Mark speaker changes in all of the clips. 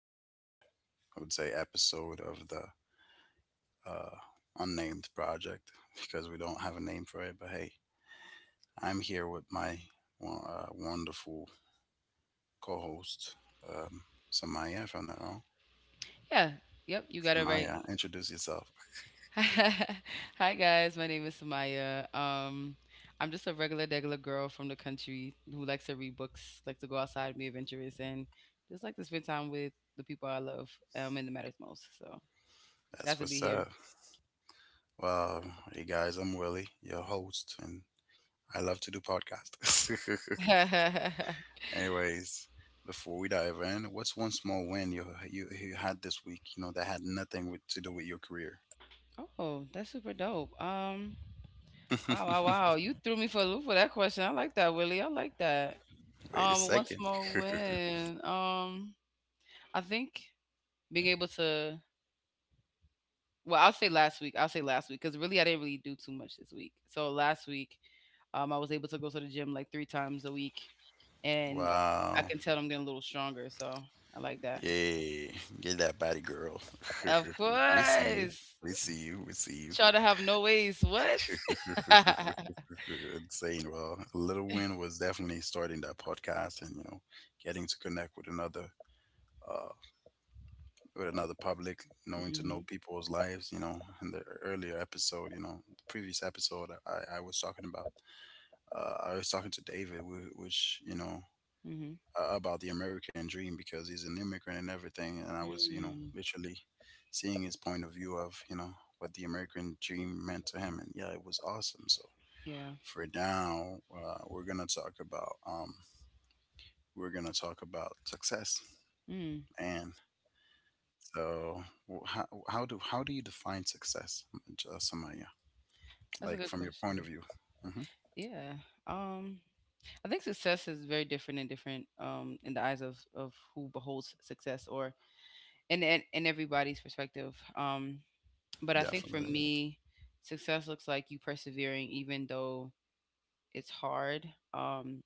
Speaker 1: to another, I would say, episode of the uh, unnamed project because we don't have a name for it. But hey, I'm here with my wonderful co-host, um, Samaya. If I'm not wrong,
Speaker 2: Yeah. Yep, you got it right.
Speaker 1: Samaya, introduce yourself.
Speaker 2: Hi guys, my name is Samaya. I'm just a regular degular girl from the country who likes to read books, like to go outside, be adventurous, and just like to spend time with the people I love, and the matters most. So
Speaker 1: That's
Speaker 2: glad to
Speaker 1: what's
Speaker 2: be
Speaker 1: up.
Speaker 2: here.
Speaker 1: Well, hey guys, I'm Willie, your host, and I love to do podcasts. Anyways, before we dive in, what's one small win you had this week? You know that had nothing to do with your career.
Speaker 2: Oh, that's super dope. Um, wow, wow, wow. You threw me for a loop with that question. I like that, Willie. I like that.
Speaker 1: Wait a
Speaker 2: Once
Speaker 1: second.
Speaker 2: more win. I think being able to, well, I'll say last week. I'll say last week, because really I didn't really do too much this week. So last week, I was able to go to the gym like three times a week, and I
Speaker 1: Wow.
Speaker 2: can tell I'm getting a little stronger. So I like that.
Speaker 1: Yay. Get that body, girl.
Speaker 2: Of
Speaker 1: We see you.
Speaker 2: course,
Speaker 1: We see you. We see you.
Speaker 2: try to have no ways. What?
Speaker 1: Insane. Well, a little win was definitely starting that podcast and, you know, getting to connect with another. uh, with another public, knowing to know
Speaker 2: Hmm.
Speaker 1: people's lives. You know, in the earlier episode, you know, the previous episode, I was talking about, I was talking to David, which you know,
Speaker 2: Hmm.
Speaker 1: about the American dream because he's an immigrant and everything, and I was, you know,
Speaker 2: Mm,
Speaker 1: literally seeing his point of view of, you know, what the American dream meant to him, and yeah, it was awesome. So
Speaker 2: yeah.
Speaker 1: for now, we're gonna talk about we're gonna talk about success.
Speaker 2: Mm,
Speaker 1: Man, so, how do you define success, Samaya?
Speaker 2: that's a
Speaker 1: Like
Speaker 2: good
Speaker 1: from your point
Speaker 2: question.
Speaker 1: of view? hmm
Speaker 2: Yeah. Um, I think success is very different and different in the eyes of who beholds success, or in, in everybody's perspective. But I think for
Speaker 1: Definitely,
Speaker 2: me, success looks like you persevering even though it's hard. Um,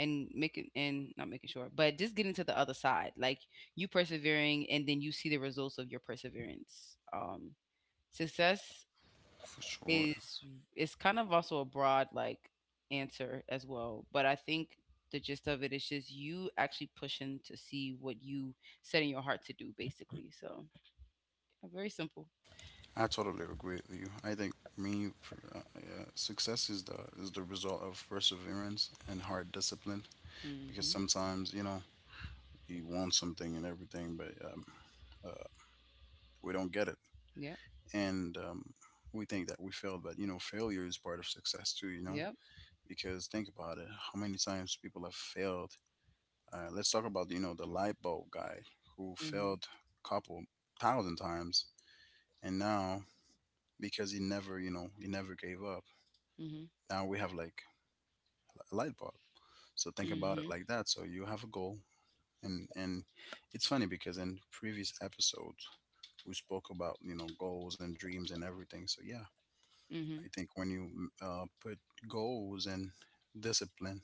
Speaker 2: and making and not making sure, but just getting to the other side, like you persevering, and then you see the results of your perseverance. Success
Speaker 1: for sure.
Speaker 2: is is kind of also a broad, like, answer as well, but I think the gist of it is just you actually pushing to see what you set in your heart to do, basically. So yeah, very simple.
Speaker 1: I totally agree with you. I think me, for, yeah, success is the result of perseverance and hard discipline. Because
Speaker 2: Mhm.
Speaker 1: sometimes, you know, we want something and everything, but uh, we don't get it,
Speaker 2: Yep.
Speaker 1: and we think that we failed. But you know, failure is part of success too. You know,
Speaker 2: Yep.
Speaker 1: because think about it, how many times people have failed. Let's talk about, you know, the light bulb guy who
Speaker 2: Mhm.
Speaker 1: failed a couple thousand times, and now because he never, you know, he never gave up.
Speaker 2: Mhm.
Speaker 1: Now we have like a light bulb. So think about it
Speaker 2: Mhm.
Speaker 1: like that. So you have a goal, and it's funny because in previous episodes we spoke about, you know, goals and dreams and everything. So yeah, I
Speaker 2: Mhm.
Speaker 1: think when you, put goals and discipline,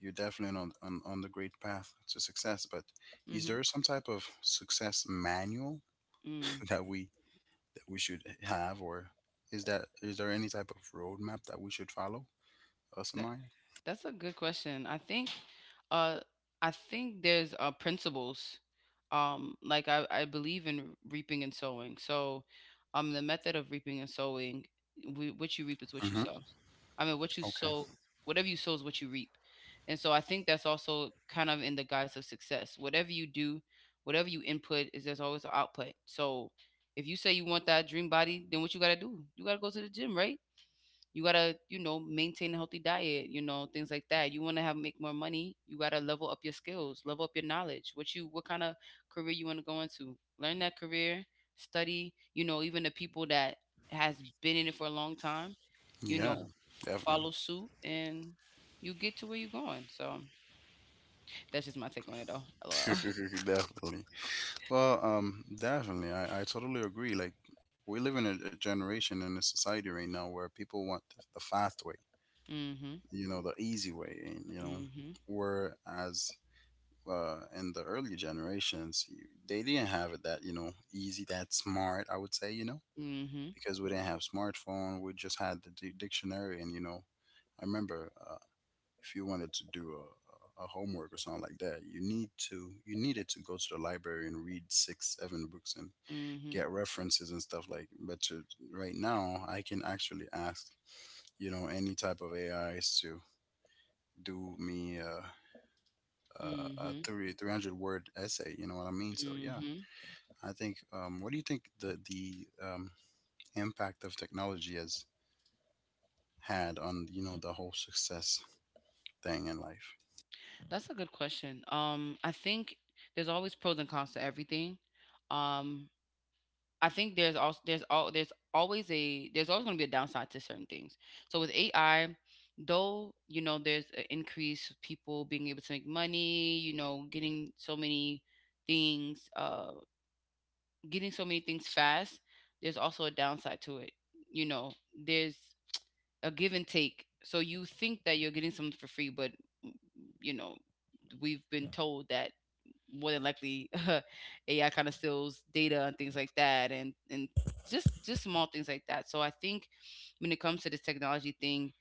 Speaker 1: you're definitely on the great path to success. But is
Speaker 2: Mhm.
Speaker 1: there some type of success manual
Speaker 2: Mm.
Speaker 1: that we that we should have, or is there any type of roadmap that we should follow,
Speaker 2: That
Speaker 1: Samaya?
Speaker 2: that's a good question. Uh I think there's principles. Like I believe in reaping and sowing. So in the method of reaping and sowing, we, what you reap is what you
Speaker 1: Mm-hmm.
Speaker 2: sow. I mean, what you
Speaker 1: Okay.
Speaker 2: sow, whatever you sow is what you reap. And so I think that's also kind of in the guise of success. Whatever you do, whatever you input is, there's always an output. So if you say you want that dream body, then what you gotta do? You gotta go to the gym, right? You gotta, maintain a healthy diet, things like that. You want to have make more money, you gotta level up your skills, level up your knowledge, what kind of career you want to go into, learn that career, study, even the people that has been in it for a long time, you
Speaker 1: Yeah.
Speaker 2: know
Speaker 1: Definitely.
Speaker 2: follow suit, and you get to where you're going. So that's just my take on it though, lol.
Speaker 1: Definitely. Well, definitely. I totally agree. Like we live in a generation in a society right now where people want the fast way,
Speaker 2: Mhm.
Speaker 1: you know, the easy way, and you know,
Speaker 2: Mhm.
Speaker 1: whereas in the earlier generations, they didn't have it that, you know, easy, that smart. I would say, you know,
Speaker 2: Mhm.
Speaker 1: because we didn't have smartphone. We just had the dictionary, and you know, I remember if you wanted to do a homework or something like that, you needed to go to the library and read six, seven books and
Speaker 2: Mhm.
Speaker 1: get references and stuff like. But to, right now, I can actually ask, you know, any type of AIs to do me.
Speaker 2: Mhm.
Speaker 1: A
Speaker 2: Mhm.
Speaker 1: three three hundred word essay. You know what I mean? So yeah,
Speaker 2: Mhm.
Speaker 1: I think. What do you think the impact of technology has had on, you know, the whole success thing in life.
Speaker 2: That's a good question. I think there's always pros and cons to everything. Um, I think there's also there's all there's always a there's always going to be a downside to certain things. So with AI, though, there's an increase of people being able to make money. Getting so many things, getting so many things fast. There's also a downside to it. There's a give and take. So you think that you're getting something for free, but you know, we've been told that more than likely AI kind of steals data and things like that, and just small things like that. So I think when it comes to this technology thing,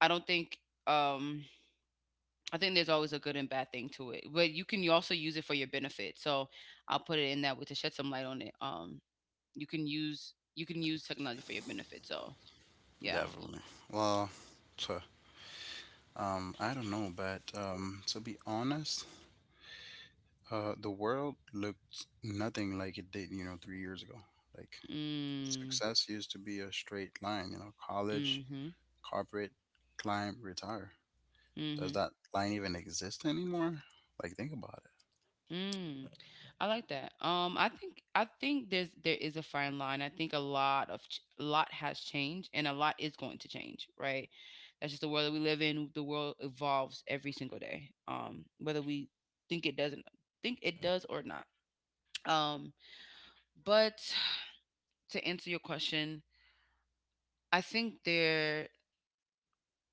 Speaker 2: I don't think, um I think there's always a good and bad thing to it, but you can also use it for your benefit. So I'll put it in that way to shed some light on it. You can use technology for your benefit. So yeah.
Speaker 1: Definitely. Well, to, I don't know, but to be honest, the world looked nothing like it did, you know, 3 years ago. Like
Speaker 2: Mm.
Speaker 1: success used to be a straight line, you know, college,
Speaker 2: Mhm.
Speaker 1: corporate, climb, retire. Does
Speaker 2: Mhm.
Speaker 1: that line even exist anymore? Like, think about
Speaker 2: Mm, I like that. I think there is a fine line. I think a lot of a lot has changed, and a lot is going to change. Right? That's just the world that we live in. The world evolves every single day. Whether we think it doesn't think it does or not. Um, but to answer your question, I think, there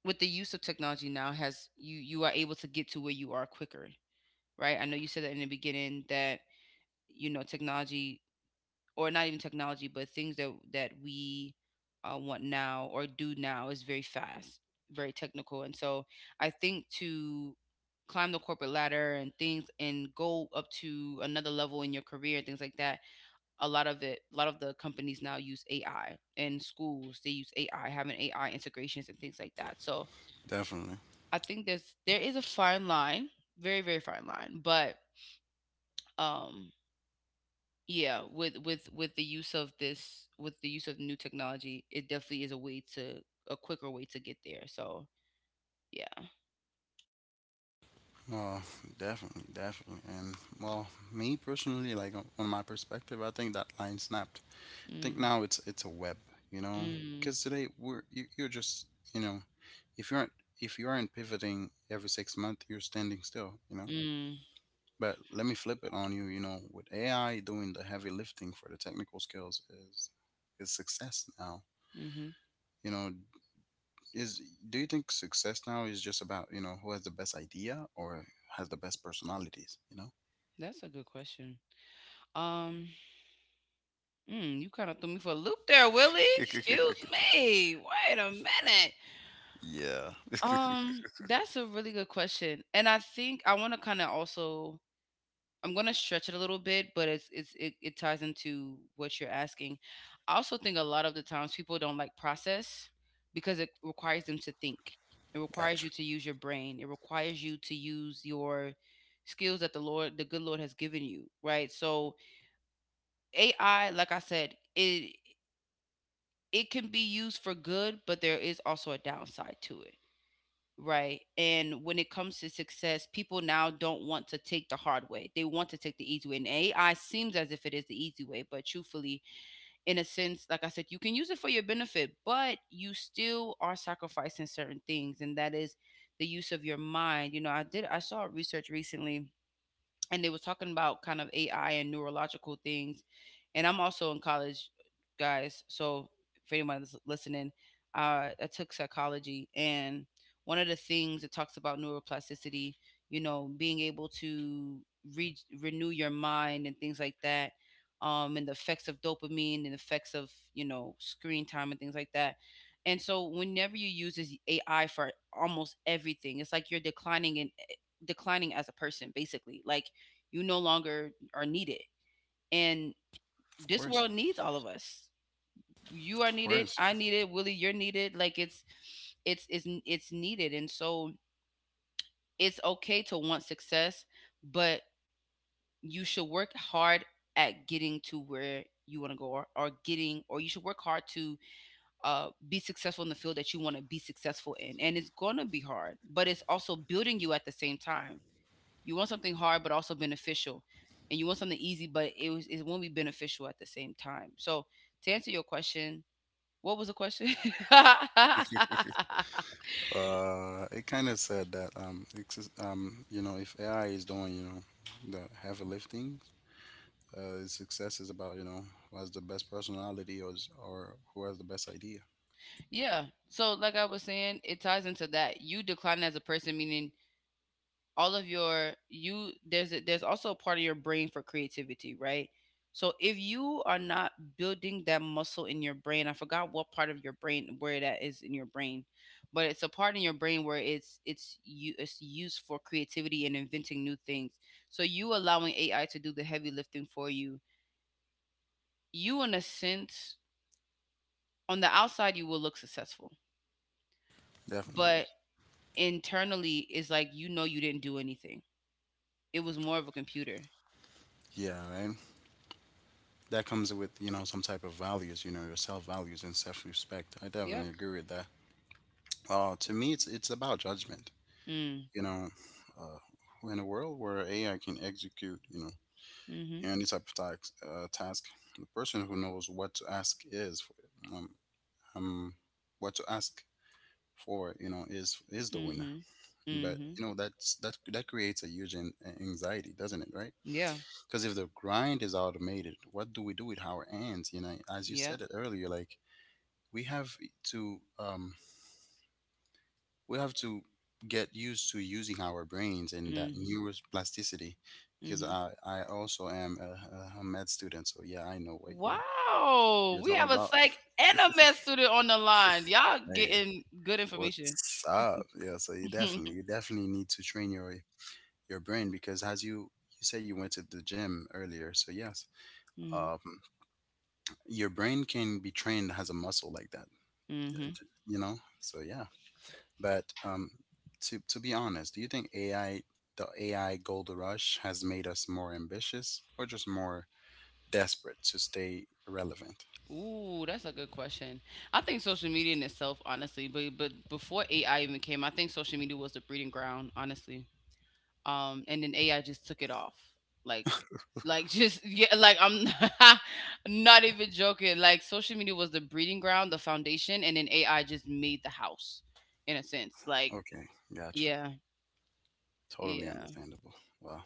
Speaker 2: with the use of technology now, has you are able to get to where you are quicker. Right? I know you said that in the beginning that technology, or not even technology, but things that we want now or do now is very fast, very technical, and so I think to climb the corporate ladder and things and go up to another level in your career and things like that, a lot of the companies now use AI, and schools, they use AI, having AI integrations and things like that. So
Speaker 1: it. Definitely.
Speaker 2: I think there is a fine line, very very fine line, but um yeah, with the use of new technology, it definitely is a way to a quicker way to get there. So, yeah.
Speaker 1: Well, definitely. And well, me personally, like on my perspective, I think that line snapped. Think
Speaker 2: Mm,
Speaker 1: now it's a web, you know,
Speaker 2: mm,
Speaker 1: because today we're you, you're just, you know, if you aren't, if you aren't pivoting every 6 months, you're standing still, you know.
Speaker 2: mm,
Speaker 1: But let me flip it on you, you know, with AI doing the heavy lifting for the technical skills is is success now.
Speaker 2: mm-hmm.
Speaker 1: You know, is do you think success now is just about, you know, who has the best idea or has the best personalities? You know.
Speaker 2: That's a good question. Um, you kind of threw me for a loop there, Willie. Excuse me. Wait a minute.
Speaker 1: Yeah.
Speaker 2: That's a really good question. And I think I want to kind of also, I'm gonna stretch it a little bit, but it ties into what you're asking. I also think a lot of the times people don't like process because it requires them to think. It requires
Speaker 1: Gotcha.
Speaker 2: you to use your brain. It requires you to use your skills that the Lord, the good Lord has given you, right? So AI, like I said, it can be used for good, but there is also a downside to it. Right. And when it comes to success, people now don't want to take the hard way. They want to take the easy way. And AI seems as if it is the easy way, but truthfully, in a sense, like I said, you can use it for your benefit, but you still are sacrificing certain things. And that is the use of your mind. I did, I saw research recently, and they was talking about kind of AI and neurological things. And I'm also in college, guys. So if anyone's listening, I took psychology, and one of the things it talks about neuroplasticity, being able to renew your mind and things like that, and the effects of dopamine and effects of screen time and things like that. And so whenever you use this AI for almost everything, it's like you're declining in, declining as a person, basically, like you no longer are needed. And
Speaker 1: Of course.
Speaker 2: this world needs all of us. You
Speaker 1: Of
Speaker 2: are needed.
Speaker 1: course.
Speaker 2: I need it. Willie, you're needed. Like it's needed. And so it's okay to want success, but you should work hard at getting to where you want to go, or getting or you should work hard to be successful in the field that you want to be successful in, and it's going to be hard, but it's also building you at the same time. You want something hard but also beneficial, and you want something easy, but it won't be beneficial at the same time. So to answer your question, what was the question?
Speaker 1: It kind of said that you know, if AI is doing, you know, the heavy lifting, its success is about, you know, who has the best personality or who has the best idea.
Speaker 2: Yeah. So like I was saying, it ties into that. You decline as a person, meaning all of your, you, there's there's also a part of your brain for creativity, right? So if you are not building that muscle in your brain. I forgot what part of your brain, where that is in your brain, but it's a part in your brain where it's used for creativity and inventing new things. So you allowing AI to do the heavy lifting for you, you, in a sense, on the outside you will look successful,
Speaker 1: Definitely.
Speaker 2: but internally it's like, you didn't do anything, it was more of a computer.
Speaker 1: Yeah, right. That comes with, you know, some type of values, you know, your self values and self respect. I
Speaker 2: Yep.
Speaker 1: definitely agree with that. To me, it's about judgment.
Speaker 2: Mm.
Speaker 1: You know, in a world where AI can execute, you know,
Speaker 2: Mm-hmm.
Speaker 1: any type of task, the person who knows what to ask is um, um what to ask for, you know, is the winner.
Speaker 2: Mhm.
Speaker 1: But
Speaker 2: Mhm.
Speaker 1: you know that's that creates a huge anxiety, doesn't it, right?
Speaker 2: Yeah.
Speaker 1: Because if the grind is automated, what do we do with our hands, you know, as you
Speaker 2: Yeah.
Speaker 1: said it earlier, like we have to um we have to get used to using our brains and that
Speaker 2: Mhm.
Speaker 1: neuroplasticity, because
Speaker 2: Mhm.
Speaker 1: I also am a med student, so yeah, I know what you
Speaker 2: Wow.
Speaker 1: you're
Speaker 2: We
Speaker 1: talking
Speaker 2: have a
Speaker 1: about.
Speaker 2: psych and a med student on the line. Y'all
Speaker 1: Hey.
Speaker 2: getting good information.
Speaker 1: What's up? Yeah, so you definitely, you definitely need to train your brain because as you you said you went to the gym earlier, so yes,
Speaker 2: Mhm.
Speaker 1: um, your brain can be trained as a muscle like that,
Speaker 2: Mhm.
Speaker 1: you know. So yeah, but to be honest, do you think AI, the AI gold rush has made us more ambitious or just more desperate to stay relevant?
Speaker 2: Ooh, that's a good question. I think social media in itself, honestly, but before AI even came, I think social media was the breeding ground, honestly. And then AI just took it off. Like like, just, yeah, like, I'm not even joking, like, social media was the breeding ground, the foundation, and then AI just made the house, in a sense. Like,
Speaker 1: Okay, gotcha.
Speaker 2: yeah,
Speaker 1: Totally
Speaker 2: yeah.
Speaker 1: understandable. Well,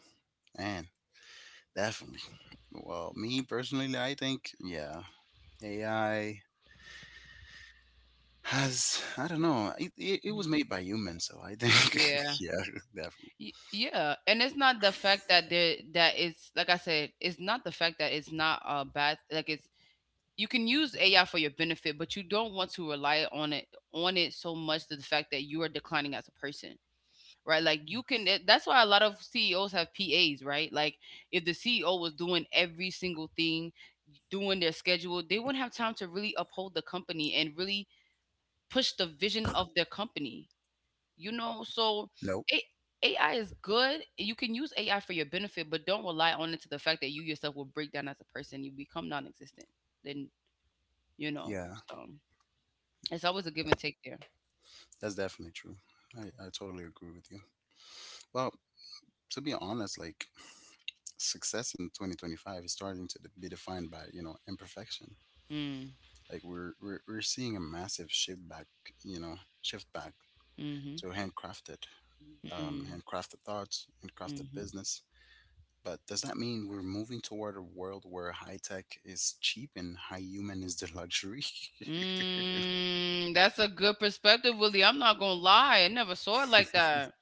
Speaker 1: and definitely. Well, me personally, I think, yeah, AI has, I don't know, it was
Speaker 2: Mhm,
Speaker 1: made by humans, so I think,
Speaker 2: yeah.
Speaker 1: yeah, definitely.
Speaker 2: Yeah, and it's not the fact that, there that it's, like I said, it's not the fact that it's not a bad, like, it's, you can use AI for your benefit, but you don't want to rely on it, so much to the fact that you are declining as a person, right? Like you can. That's why a lot of CEOs have PAs, right? Like if the CEO was doing every single thing, doing their schedule, they wouldn't have time to really uphold the company and really push the vision of their company. You know, so
Speaker 1: Nope.
Speaker 2: it. AI is good. You can use AI for your benefit, but don't rely on it to the fact that you yourself will break down as a person. You become non-existent. Then you know.
Speaker 1: Yeah,
Speaker 2: So it's always a give and take there.
Speaker 1: that's definitely true. I totally agree with you. Well, to be honest, like success in 2025 is starting to be defined by, you know, imperfection.
Speaker 2: Mm,
Speaker 1: Like we're seeing a massive shift back, you know, shift back
Speaker 2: mm-hmm.
Speaker 1: to handcrafted,
Speaker 2: Mm,
Speaker 1: handcrafted thoughts, handcrafted
Speaker 2: hmm
Speaker 1: business. But does that mean we're moving toward a world where high tech is cheap and high human is the luxury?
Speaker 2: Mm, that's a good perspective, Willie. I'm not gonna lie. I never saw it like that.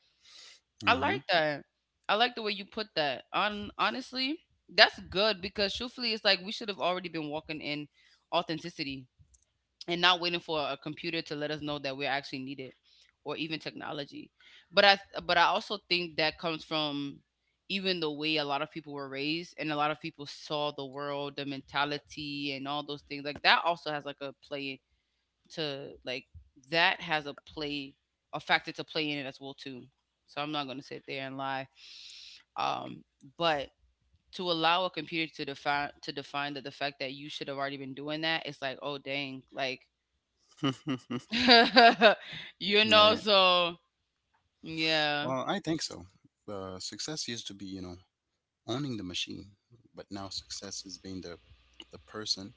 Speaker 2: I
Speaker 1: hmm
Speaker 2: like that. I like the way you put that. On honestly, that's good because truthfully, it's like we should have already been walking in authenticity and not waiting for a computer to let us know that we're actually needed or even technology. But I also think that comes from even the way a lot of people were raised and a lot of people saw the world, the mentality and all those things. Like that also has like a play to like that has a play a factor to play in it as well too. So I'm not going to sit there and lie. Um, but to allow a computer to define that the fact that you should have already been doing that, it's like oh dang, like
Speaker 1: right.
Speaker 2: So yeah.
Speaker 1: Well, I think so. Success used to be, you know, owning the machine, but now success is being the person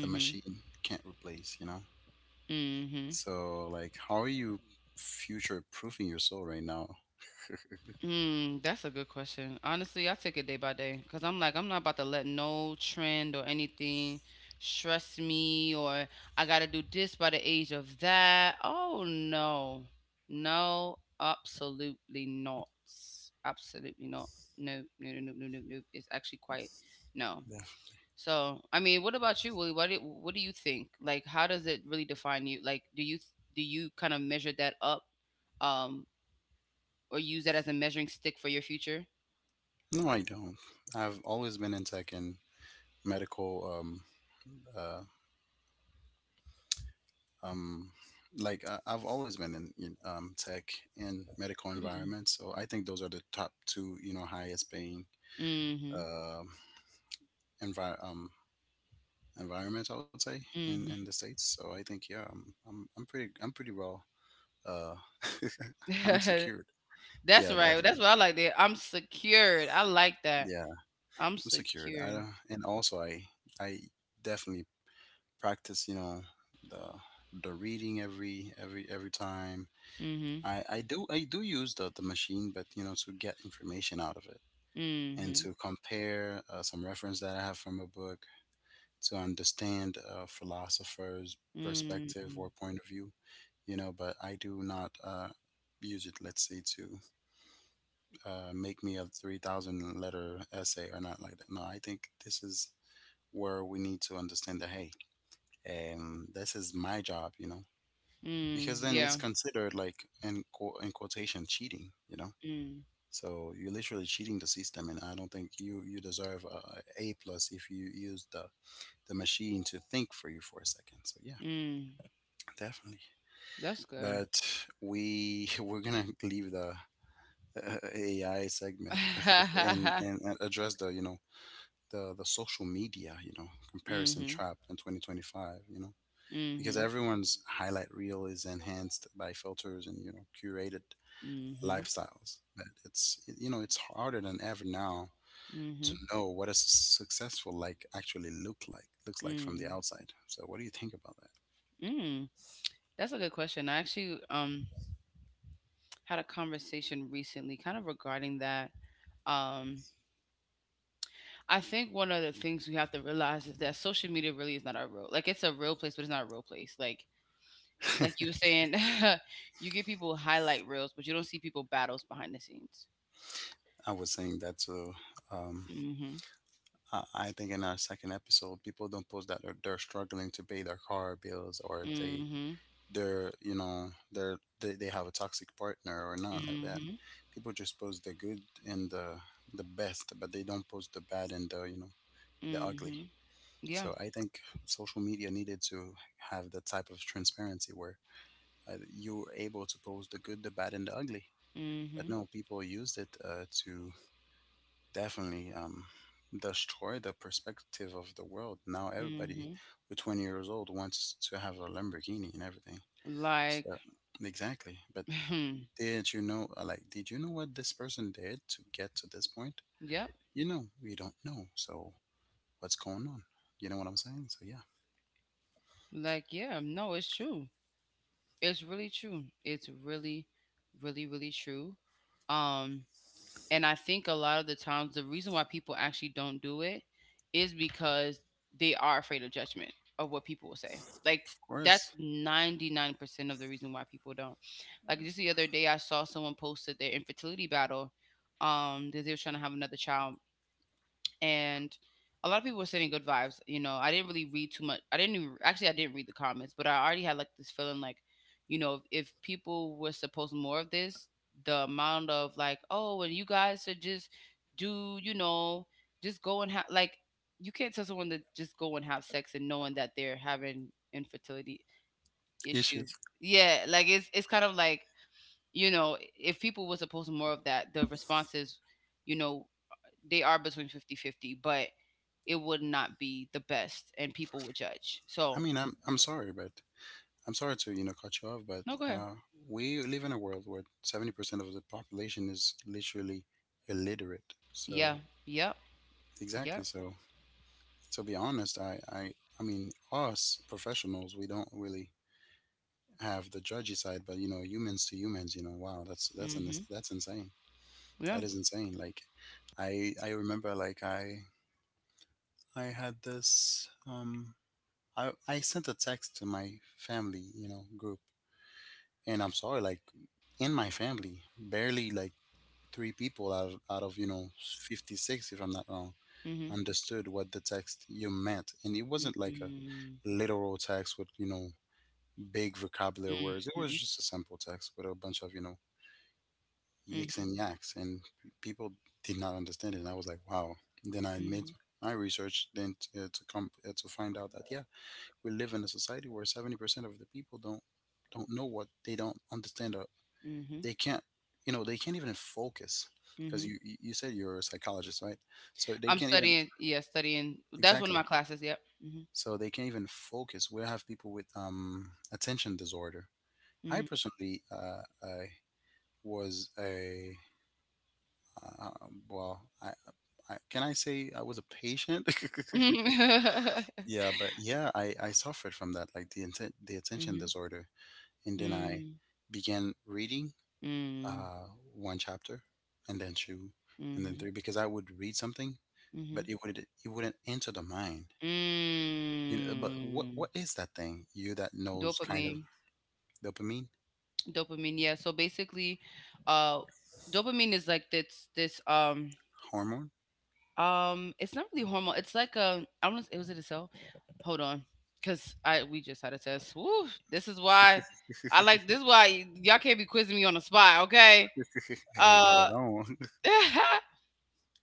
Speaker 1: the machine can't replace. You know.
Speaker 2: Mm-hmm.
Speaker 1: So, like, how are you future proofing your soul right now?
Speaker 2: Mm, that's a good question. Honestly, I take it day by day because I'm like, I'm not about to let no trend or anything stress me or I got to do this by the age of that. Oh, no. No, absolutely not. Absolutely not. No, no, no, no, no, no, no. It's actually quite no.
Speaker 1: Yeah.
Speaker 2: So, I mean, what about you, Willie? What do you think? Like, how does it really define you? Like, do you kind of measure that up, um, or use that as a measuring stick for your future?
Speaker 1: No, I don't. I've always been in tech and medical Uh. um, like I've always been in you tech and medical
Speaker 2: Mm.
Speaker 1: environments, so I think those are the top two, you know, highest paying
Speaker 2: Mhm.
Speaker 1: um envi- um, environments, I would say, in the
Speaker 2: Mhm.
Speaker 1: states. So I think yeah, I'm pretty, I'm pretty well. Uh, I'm secured. Yeah,
Speaker 2: That's right. That's
Speaker 1: definitely.
Speaker 2: what I like there. I'm secured. I like that.
Speaker 1: Yeah,
Speaker 2: I'm
Speaker 1: I'm secured. I
Speaker 2: secured.
Speaker 1: don't, and also I definitely practice, you know, the the reading every time,
Speaker 2: Mhm.
Speaker 1: I do use the machine, but you know, to get information out of it and
Speaker 2: Mhm.
Speaker 1: to compare, some reference that I have from a book to understand a philosopher's perspective
Speaker 2: Mhm.
Speaker 1: or point of view, you know. But I do not, use it, let's say, to, make me a 3,000 letter essay or not like that. No, I think this is where we need to understand that, hey, this is my job, you know, because
Speaker 2: Mm.
Speaker 1: then it's
Speaker 2: Yeah.
Speaker 1: considered like in, in quotation cheating, you know.
Speaker 2: Mm.
Speaker 1: So you're literally cheating the system, and I don't think you you deserve a A plus if you use the machine to think for you for a second. So yeah,
Speaker 2: Mm.
Speaker 1: definitely.
Speaker 2: That's good.
Speaker 1: But we we're gonna leave the AI segment and address the, you know, the social media, you know, comparison
Speaker 2: mhm.
Speaker 1: trap in 2025. You know, because
Speaker 2: Mhm.
Speaker 1: everyone's highlight reel is enhanced by filters and, you know, curated
Speaker 2: Mhm.
Speaker 1: lifestyles. But it's, you know, it's harder than ever now to
Speaker 2: Mhm.
Speaker 1: know what a successful like actually look like looks like from the
Speaker 2: Mm.
Speaker 1: outside. So what do you think about
Speaker 2: Mm. That's a good question. I actually had a conversation recently kind of regarding that. um. I think one of the things we have to realize is that social media really is not our real. Like it's a real place, but it's not a real place. Like
Speaker 1: that?
Speaker 2: you were saying, you get people highlight reels, but you don't see people battles behind the scenes.
Speaker 1: I was saying that to um,
Speaker 2: Mhm.
Speaker 1: I think in our second episode, people don't post that they're struggling to pay their car bills or they
Speaker 2: Mhm.
Speaker 1: they're, you know, they're they have a toxic partner or not like that.
Speaker 2: Mhm.
Speaker 1: People just post the good and the best, but they don't post the bad and the, you know, the ugly.
Speaker 2: Mhm. Yeah.
Speaker 1: So I think social media needed to have that type of transparency where you're able to pose the good, the bad, and the ugly. But
Speaker 2: Mhm.
Speaker 1: no, people used it to definitely destroy the perspective of the world. Now everybody
Speaker 2: Mhm.
Speaker 1: with 20 years old wants to have a Lamborghini and everything.
Speaker 2: Like
Speaker 1: So exactly. But did you know? Like, did you know what this person did to get to this point?
Speaker 2: yep.
Speaker 1: You know, we don't know. So what's going on? You know what I'm saying? So yeah,
Speaker 2: Like yeah, no, it's true. It's really true. It's really, really true. Um And I think a lot of the times the reason why people actually don't do it is because they are afraid of judgment of what people will say. Like
Speaker 1: of
Speaker 2: that's
Speaker 1: course
Speaker 2: 99% of the reason why people don't. Like just the other day I saw someone posted their infertility battle. That they were trying to have another child and a lot of people were sending good vibes. You know, I didn't really read too much. I didn't even, actually I didn't read the comments, but I already had like this feeling like, if people were supposed more of this, the amount of like, oh, and you guys should just do, just go and have like, you can't tell someone to just go and have sex and knowing that they're having infertility
Speaker 1: issues.
Speaker 2: issues. Yeah, like it's it's kind of like, if people were supposed more of that, the responses, you know, they are between 50-50, but it would not be the best and people would judge.
Speaker 1: I
Speaker 2: So,
Speaker 1: mean, I'm sorry, but I'm sorry to cut you off, but
Speaker 2: no, go ahead.
Speaker 1: uh, we live in a world where 70% of the population is literally illiterate. So
Speaker 2: Yeah. Yep.
Speaker 1: exactly.
Speaker 2: Yep.
Speaker 1: So to be honest, I I mean us professionals, we don't really have the judgy side, but you know humans to humans, you know, wow, that's that's an,
Speaker 2: Mhm.
Speaker 1: that's insane.
Speaker 2: Yeah.
Speaker 1: That is insane. Like I remember like I had this I sent a text to my family, you know, group and I'm sorry, like in my family barely like three people out of, you know 56 if I'm not wrong
Speaker 2: Mhm.
Speaker 1: understood what the text you meant, and it wasn't like a
Speaker 2: Mhm.
Speaker 1: literal text with big vocabulary words.
Speaker 2: Mhm.
Speaker 1: It was just a simple text with a bunch of you know yiks
Speaker 2: Mhm.
Speaker 1: and yaks, and people did not understand it, and I was like wow. Then I made
Speaker 2: Mhm.
Speaker 1: my research, then to come to find out that yeah, we live in a society where 70% of the people don't know what they don't understand, or
Speaker 2: Mhm.
Speaker 1: they can't, you know, they can't even focus. Because
Speaker 2: Mhm.
Speaker 1: you said you're a psychologist, right? So they
Speaker 2: I'm
Speaker 1: can't even
Speaker 2: studying, yeah, studying. That's one of my
Speaker 1: exactly,
Speaker 2: classes, yep. Mhm.
Speaker 1: so they can't even focus. We have people with attention disorder. I
Speaker 2: Mhm.
Speaker 1: personally I was a uh, well I, can I say I was a patient?
Speaker 2: Mhm.
Speaker 1: Yeah, but yeah, I suffered from that, like the attention
Speaker 2: Mm.
Speaker 1: disorder, and then I began reading,
Speaker 2: Mm.
Speaker 1: uh, one chapter, and then two, and then
Speaker 2: Mhm.
Speaker 1: three. Because I would read something,
Speaker 2: Mhm.
Speaker 1: but it wouldn't enter the mind, you know. But
Speaker 2: Mm.
Speaker 1: what is that thing you that knows kind of
Speaker 2: Dopamine.
Speaker 1: dopamine
Speaker 2: Dopamine, yeah. So basically, uh, dopamine is like this this um
Speaker 1: hormone.
Speaker 2: um it's not really hormone. It's like a I want to was it a cell? Hold on, cause I we just had a test. Woo! This is why I like this. Is why y'all can't be quizzing me on the spot, okay?
Speaker 1: Hey,
Speaker 2: Uh.
Speaker 1: hold on.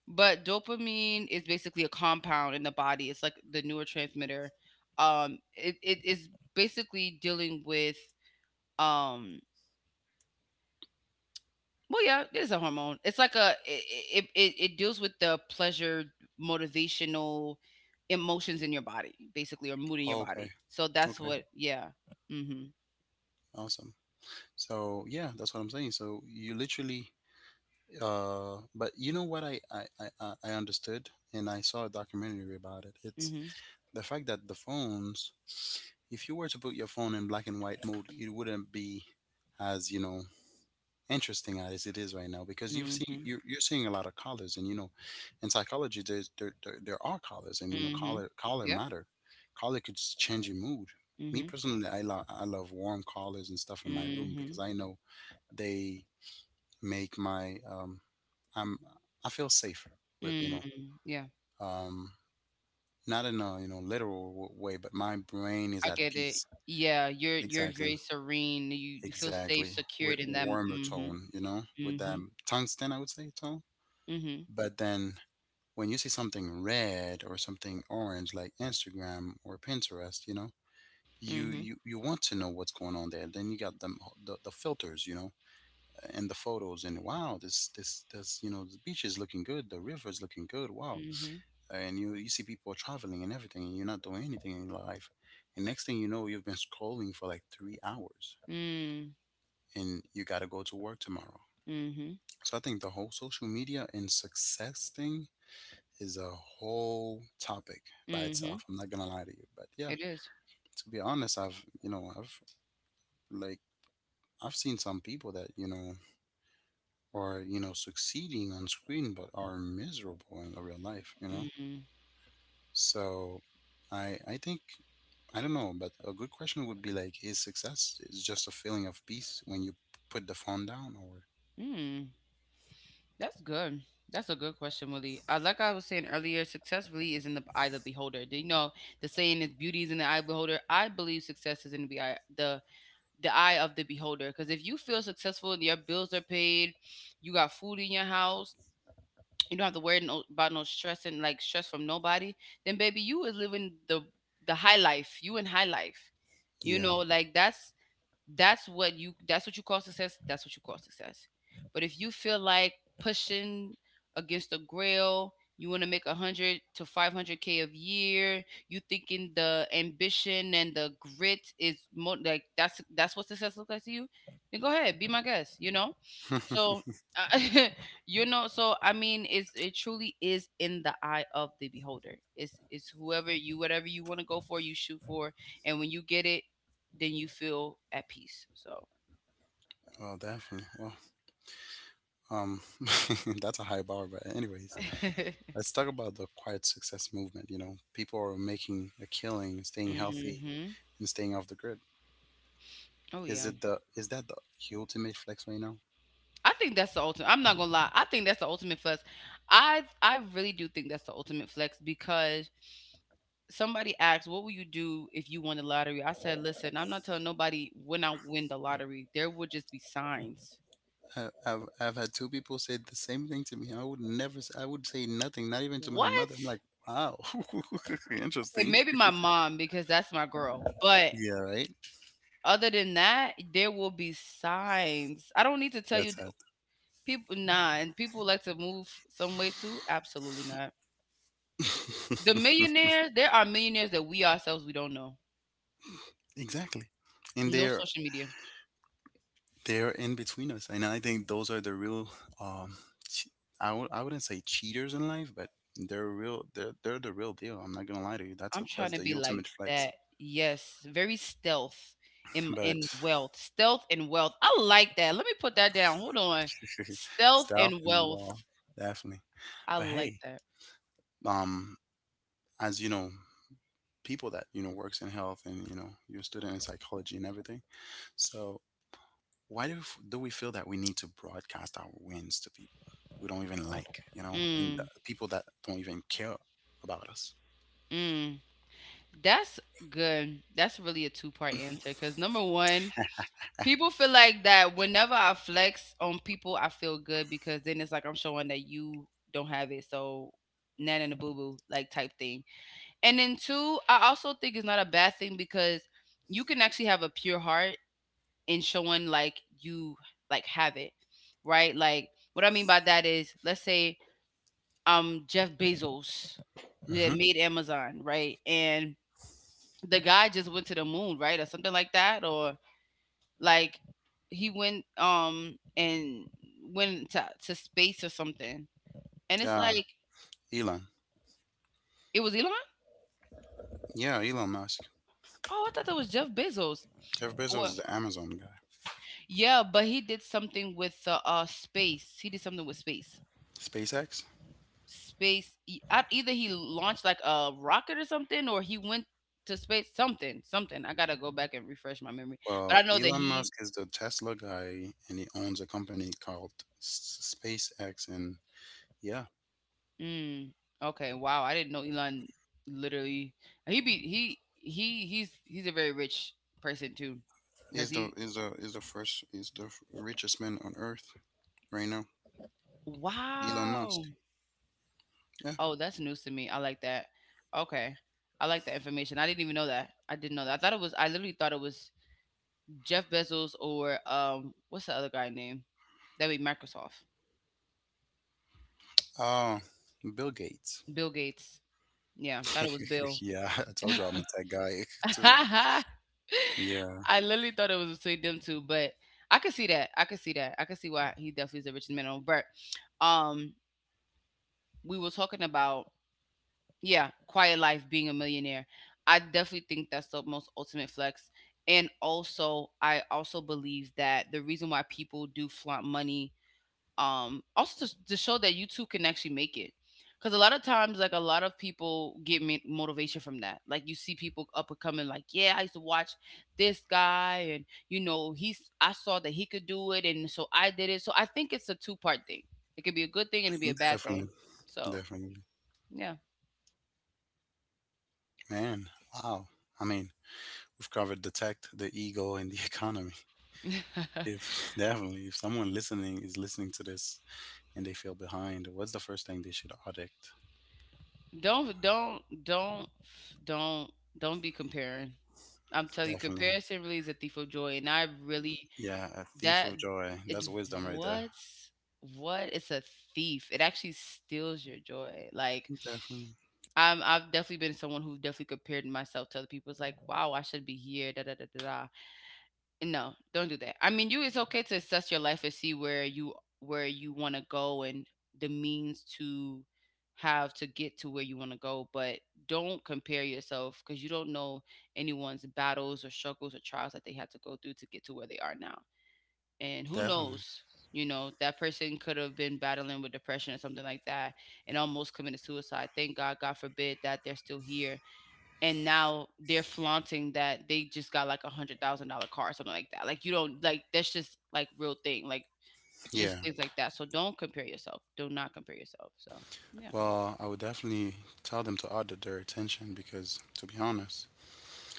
Speaker 2: But dopamine is basically a compound in the body. It's like the neurotransmitter. It is basically dealing with um well, yeah, it is a hormone. It's like a it deals with the pleasure, motivational emotions in your body, basically, or mood in your
Speaker 1: Okay,
Speaker 2: body. So that's
Speaker 1: okay,
Speaker 2: what. Yeah. Mhm.
Speaker 1: awesome. So yeah, that's what I'm saying. So you literally but you know what, I understood, and I saw a documentary about it. It's
Speaker 2: Mhm.
Speaker 1: the fact that the phones, if you were to put your phone in black and white mode, it wouldn't be as you know interesting as it is right now, because
Speaker 2: Mhm.
Speaker 1: you're seeing a lot of colors, and you know in psychology there are colors, and you know
Speaker 2: Mhm.
Speaker 1: color
Speaker 2: Yep.
Speaker 1: matter. Change your mood. Me
Speaker 2: Mhm.
Speaker 1: personally, I love warm colors and stuff in my room, because
Speaker 2: Mhm.
Speaker 1: I know they make my i'm I feel safer with you know
Speaker 2: Mhm. Yeah.
Speaker 1: um not in a you know way, but my brain is
Speaker 2: I
Speaker 1: at
Speaker 2: get it.
Speaker 1: peace.
Speaker 2: Yeah, you're
Speaker 1: Exactly,
Speaker 2: very serene. You feel safe,
Speaker 1: exactly,
Speaker 2: secured
Speaker 1: with
Speaker 2: in that.
Speaker 1: warmer
Speaker 2: Mhm.
Speaker 1: tone, you know, with that
Speaker 2: Mhm.
Speaker 1: tungsten, I would say, tone.
Speaker 2: Mhm.
Speaker 1: But then when you see something red or something orange like Instagram or Pinterest, you know,
Speaker 2: Mhm.
Speaker 1: you want to know what's going on there. Then you got them the filters, you know, and the photos, and wow, this you know, the beach is looking good, the river is looking good, wow.
Speaker 2: Mhm.
Speaker 1: And you see people traveling and everything, and you're not doing anything in your life. And next thing you know, you've been scrolling for like 3 hours,
Speaker 2: Mhm.
Speaker 1: and you got to go to work tomorrow.
Speaker 2: Mhm.
Speaker 1: So I think the whole social media and success thing is a whole topic by
Speaker 2: Mhm.
Speaker 1: itself. I'm not gonna lie to you, but yeah,
Speaker 2: It is.
Speaker 1: to be honest, I've you know I've like I've seen some people that you know are you know succeeding on screen but are miserable in the real life. You know,
Speaker 2: Mhm.
Speaker 1: so I think I don't know, but a good question would be like, is success is just a feeling of peace when you put the phone down, or
Speaker 2: Mhm. That's good. That's a good question, Willie. Like I was saying earlier, success really is in the eye of the beholder. Do you know, the saying is "beauty is in the eye of the beholder." I believe success is in the eye, the eye of the beholder. Because if you feel successful and your bills are paid, you got food in your house, you don't have to worry no, about no stress and like stress from nobody, then baby, you is living the high life. You in high life. You
Speaker 1: yeah.
Speaker 2: know, like that's what you call success, that's what you call success, but if you feel like pushing against the grill, you want to make 100 to 500K of year, you thinking the ambition and the grit is more like that's what success looks like to you, then go ahead, be my guest, you know. So uh, you know, so I mean it's it truly is in the eye of the beholder. It's whoever you whatever you want to go for, you shoot for, and when you get it, then you feel at peace. So,
Speaker 1: Well, definitely. Well, um, that's a high bar, but anyways, let's talk about the quiet success movement. You know, people are making a killing, staying healthy,
Speaker 2: hmm.
Speaker 1: and staying off the grid.
Speaker 2: Oh
Speaker 1: Is
Speaker 2: yeah,
Speaker 1: it the is that the ultimate flex right now?
Speaker 2: I think that's the ultimate. I'm not gonna lie, I think that's the ultimate flex. I really do think that's the ultimate flex because somebody asked, "What will you do if you won the lottery?" I said, "Listen, I'm not telling nobody when I win the lottery. There will just be signs."
Speaker 1: I've had two people say the same thing to me. I would never. I would say nothing, not even to my
Speaker 2: What?
Speaker 1: mother. I'm like, wow.
Speaker 2: Okay,
Speaker 1: Interesting.
Speaker 2: maybe my mom because that's my girl, but.
Speaker 1: Yeah, right.
Speaker 2: Other than that, there will be signs. I don't need to tell
Speaker 1: That's
Speaker 2: you
Speaker 1: sad.
Speaker 2: people, nah, and people like to move some way too. Absolutely not. The millionaires, there are millionaires that we ourselves we don't know.
Speaker 1: Exactly. And
Speaker 2: No social media.
Speaker 1: they're in between us, and I think those are the real um che- I wouldn't say cheaters in life, but they're real, they're the real deal. I'm not gonna lie to you, that's
Speaker 2: I'm
Speaker 1: a
Speaker 2: trying
Speaker 1: that's
Speaker 2: to
Speaker 1: the
Speaker 2: be like
Speaker 1: ultimate flex.
Speaker 2: that. Yes, very stealth in
Speaker 1: But
Speaker 2: wealth, stealth and wealth. I like that. Let me put that down. Hold on, stealth
Speaker 1: stealth
Speaker 2: and
Speaker 1: and well,
Speaker 2: wealth.
Speaker 1: definitely.
Speaker 2: I
Speaker 1: But
Speaker 2: like
Speaker 1: hey,
Speaker 2: that.
Speaker 1: um as you know, people that you know works in health, and you know you're a student in psychology and everything. So why do, do we feel that we need to broadcast our wins to people we don't even like, you know, and the
Speaker 2: Mm,
Speaker 1: people that don't even care about us.
Speaker 2: mm. That's good. That's really a two-part answer because number one, people feel like that whenever I flex on people, I feel good because then it's like I'm showing that you don't have it. So nan and a boo boo like type thing. And then two, I also think it's not a bad thing because you can actually have a pure heart in showing like you like have it. Right? Like what I mean by that is let's say Jeff Bezos that
Speaker 1: Mm-hmm.
Speaker 2: made Amazon, right? And the guy just went to the moon, right? Or something like that. Or like he went and went to space or something. And it's
Speaker 1: Yeah,
Speaker 2: like
Speaker 1: Elon.
Speaker 2: it was Elon?
Speaker 1: Yeah, Elon Musk.
Speaker 2: Oh, I thought that was Jeff Bezos.
Speaker 1: Jeff Bezos
Speaker 2: Or,
Speaker 1: is the Amazon guy.
Speaker 2: yeah, but he did something with space. He did something with space.
Speaker 1: SpaceX?
Speaker 2: Either he launched like a rocket or something or he went to space, something, something. I gotta go back and refresh my memory, but I
Speaker 1: Well,
Speaker 2: know that
Speaker 1: Elon
Speaker 2: he
Speaker 1: Musk is the Tesla guy, and he owns a company called SpaceX. And yeah,
Speaker 2: mm, okay. Wow. I didn't know Elon literally he be he he's a very rich person too. Cause
Speaker 1: he's the
Speaker 2: he
Speaker 1: is the is the first is the f- richest man on Earth right now. Elon
Speaker 2: wow.
Speaker 1: Musk. Yeah.
Speaker 2: Oh, that's news to me. I like that. Okay. I like that information. I didn't even know that. I didn't know that. I literally thought it was Jeff Bezos or what's the other guy name? That'd be Microsoft.
Speaker 1: Oh, Bill Gates.
Speaker 2: Bill Gates. Yeah, thought it was Bill.
Speaker 1: Yeah, I told you I'm a tech guy too.
Speaker 2: I
Speaker 1: Yeah,
Speaker 2: literally thought it was between them two, but I could see that. I could see that. I could see why he definitely is the richest man on. But um we were talking about yeah, quiet life being a millionaire. I definitely think that's the most ultimate flex. And also I also believe that the reason why people do flaunt money also to show that you too can actually make it, because a lot of times, like, a lot of people get motivation from that. Like you see people up and coming, like yeah, I used to watch this guy and you know he's I saw that he could do it, and so I did it. So I think it's a two-part thing. It could be a good thing and it could be a bad
Speaker 1: definitely,
Speaker 2: thing. So
Speaker 1: definitely.
Speaker 2: yeah.
Speaker 1: Man, wow. I mean, we've covered the tech, the ego, and the economy. If definitely, if someone listening is listening to this and they feel behind, what's the first thing they should audit?
Speaker 2: don't don't don't don't don't be comparing. I'm telling you,
Speaker 1: Definitely.
Speaker 2: comparison really is a thief of joy, and I really
Speaker 1: Yeah, a thief
Speaker 2: That
Speaker 1: of joy.
Speaker 2: it
Speaker 1: That's wisdom right there.
Speaker 2: was what it's a thief. It actually steals your joy. Like
Speaker 1: Definitely.
Speaker 2: I'm I've definitely been someone who definitely compared myself to other people. It's like, wow, I should be here, da da da da da. And no, don't do that. I mean you it's okay to assess your life and see where you wanna go and the means to have to get to where you want to go, but don't compare yourself because you don't know anyone's battles or struggles or trials that they had to go through to get to where they are now, and who
Speaker 1: Definitely.
Speaker 2: knows, you know, that person could have been battling with depression or something like that and almost committed suicide. Thank God, God forbid, that they're still here and now they're flaunting that they just got like $100,000 car or something like that. Like you don't like that's just like real thing. Like
Speaker 1: Yeah.
Speaker 2: just things like that, so don't compare yourself. Do not compare yourself. So yeah.
Speaker 1: Well, I would definitely tell them to audit their attention because, to be honest,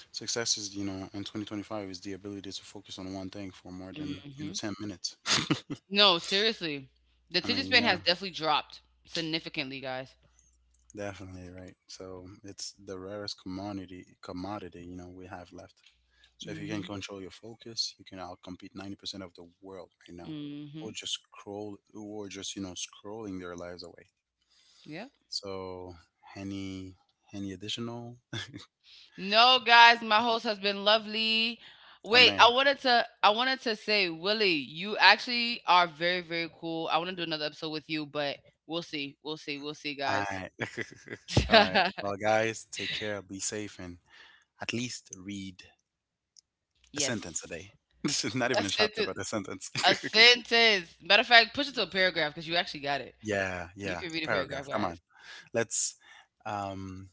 Speaker 1: success is, you know, in 2025 is the ability to focus on one thing for more than, you know,
Speaker 2: Hmm.
Speaker 1: 10 minutes.
Speaker 2: No, seriously, the
Speaker 1: I
Speaker 2: attention
Speaker 1: mean,
Speaker 2: span
Speaker 1: yeah,
Speaker 2: has definitely dropped significantly, guys.
Speaker 1: definitely, right? So it's the rarest commodity, you know, we have left. So if you can
Speaker 2: Hmm.
Speaker 1: control your focus, you can outcompete 90% of the world right now,
Speaker 2: Hmm.
Speaker 1: or just scroll, or just you know scrolling their lives away.
Speaker 2: Yeah.
Speaker 1: So any any additional?
Speaker 2: No, guys, my host has been lovely.
Speaker 1: Oh
Speaker 2: Wait, I
Speaker 1: man,
Speaker 2: wanted to I wanted to say, Willie, you actually are very, very cool. I want to do another episode with you, but we'll see. We'll see. We'll see,
Speaker 1: all
Speaker 2: guys.
Speaker 1: right. All right. Well, guys, take care, be safe, and at least read a sentence a
Speaker 2: Yes.
Speaker 1: day. This is not
Speaker 2: A
Speaker 1: even a chapter,
Speaker 2: sentence.
Speaker 1: but a sentence.
Speaker 2: A sentence. Matter of fact, push it to a paragraph because you actually got it.
Speaker 1: Yeah,
Speaker 2: You
Speaker 1: yeah,
Speaker 2: can
Speaker 1: a
Speaker 2: read a paragraph,
Speaker 1: paragraph. Come
Speaker 2: guys.
Speaker 1: on, let's um,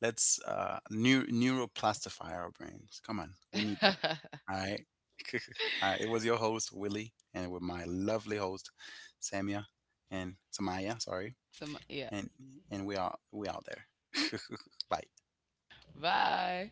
Speaker 1: let's neuroplastify our brains. Come on, we need that. All right. It was your host, Willie, and with my lovely host, Samia and Samaya, sorry.
Speaker 2: Some, yeah.
Speaker 1: And and we are we out there. Bye.
Speaker 2: Bye.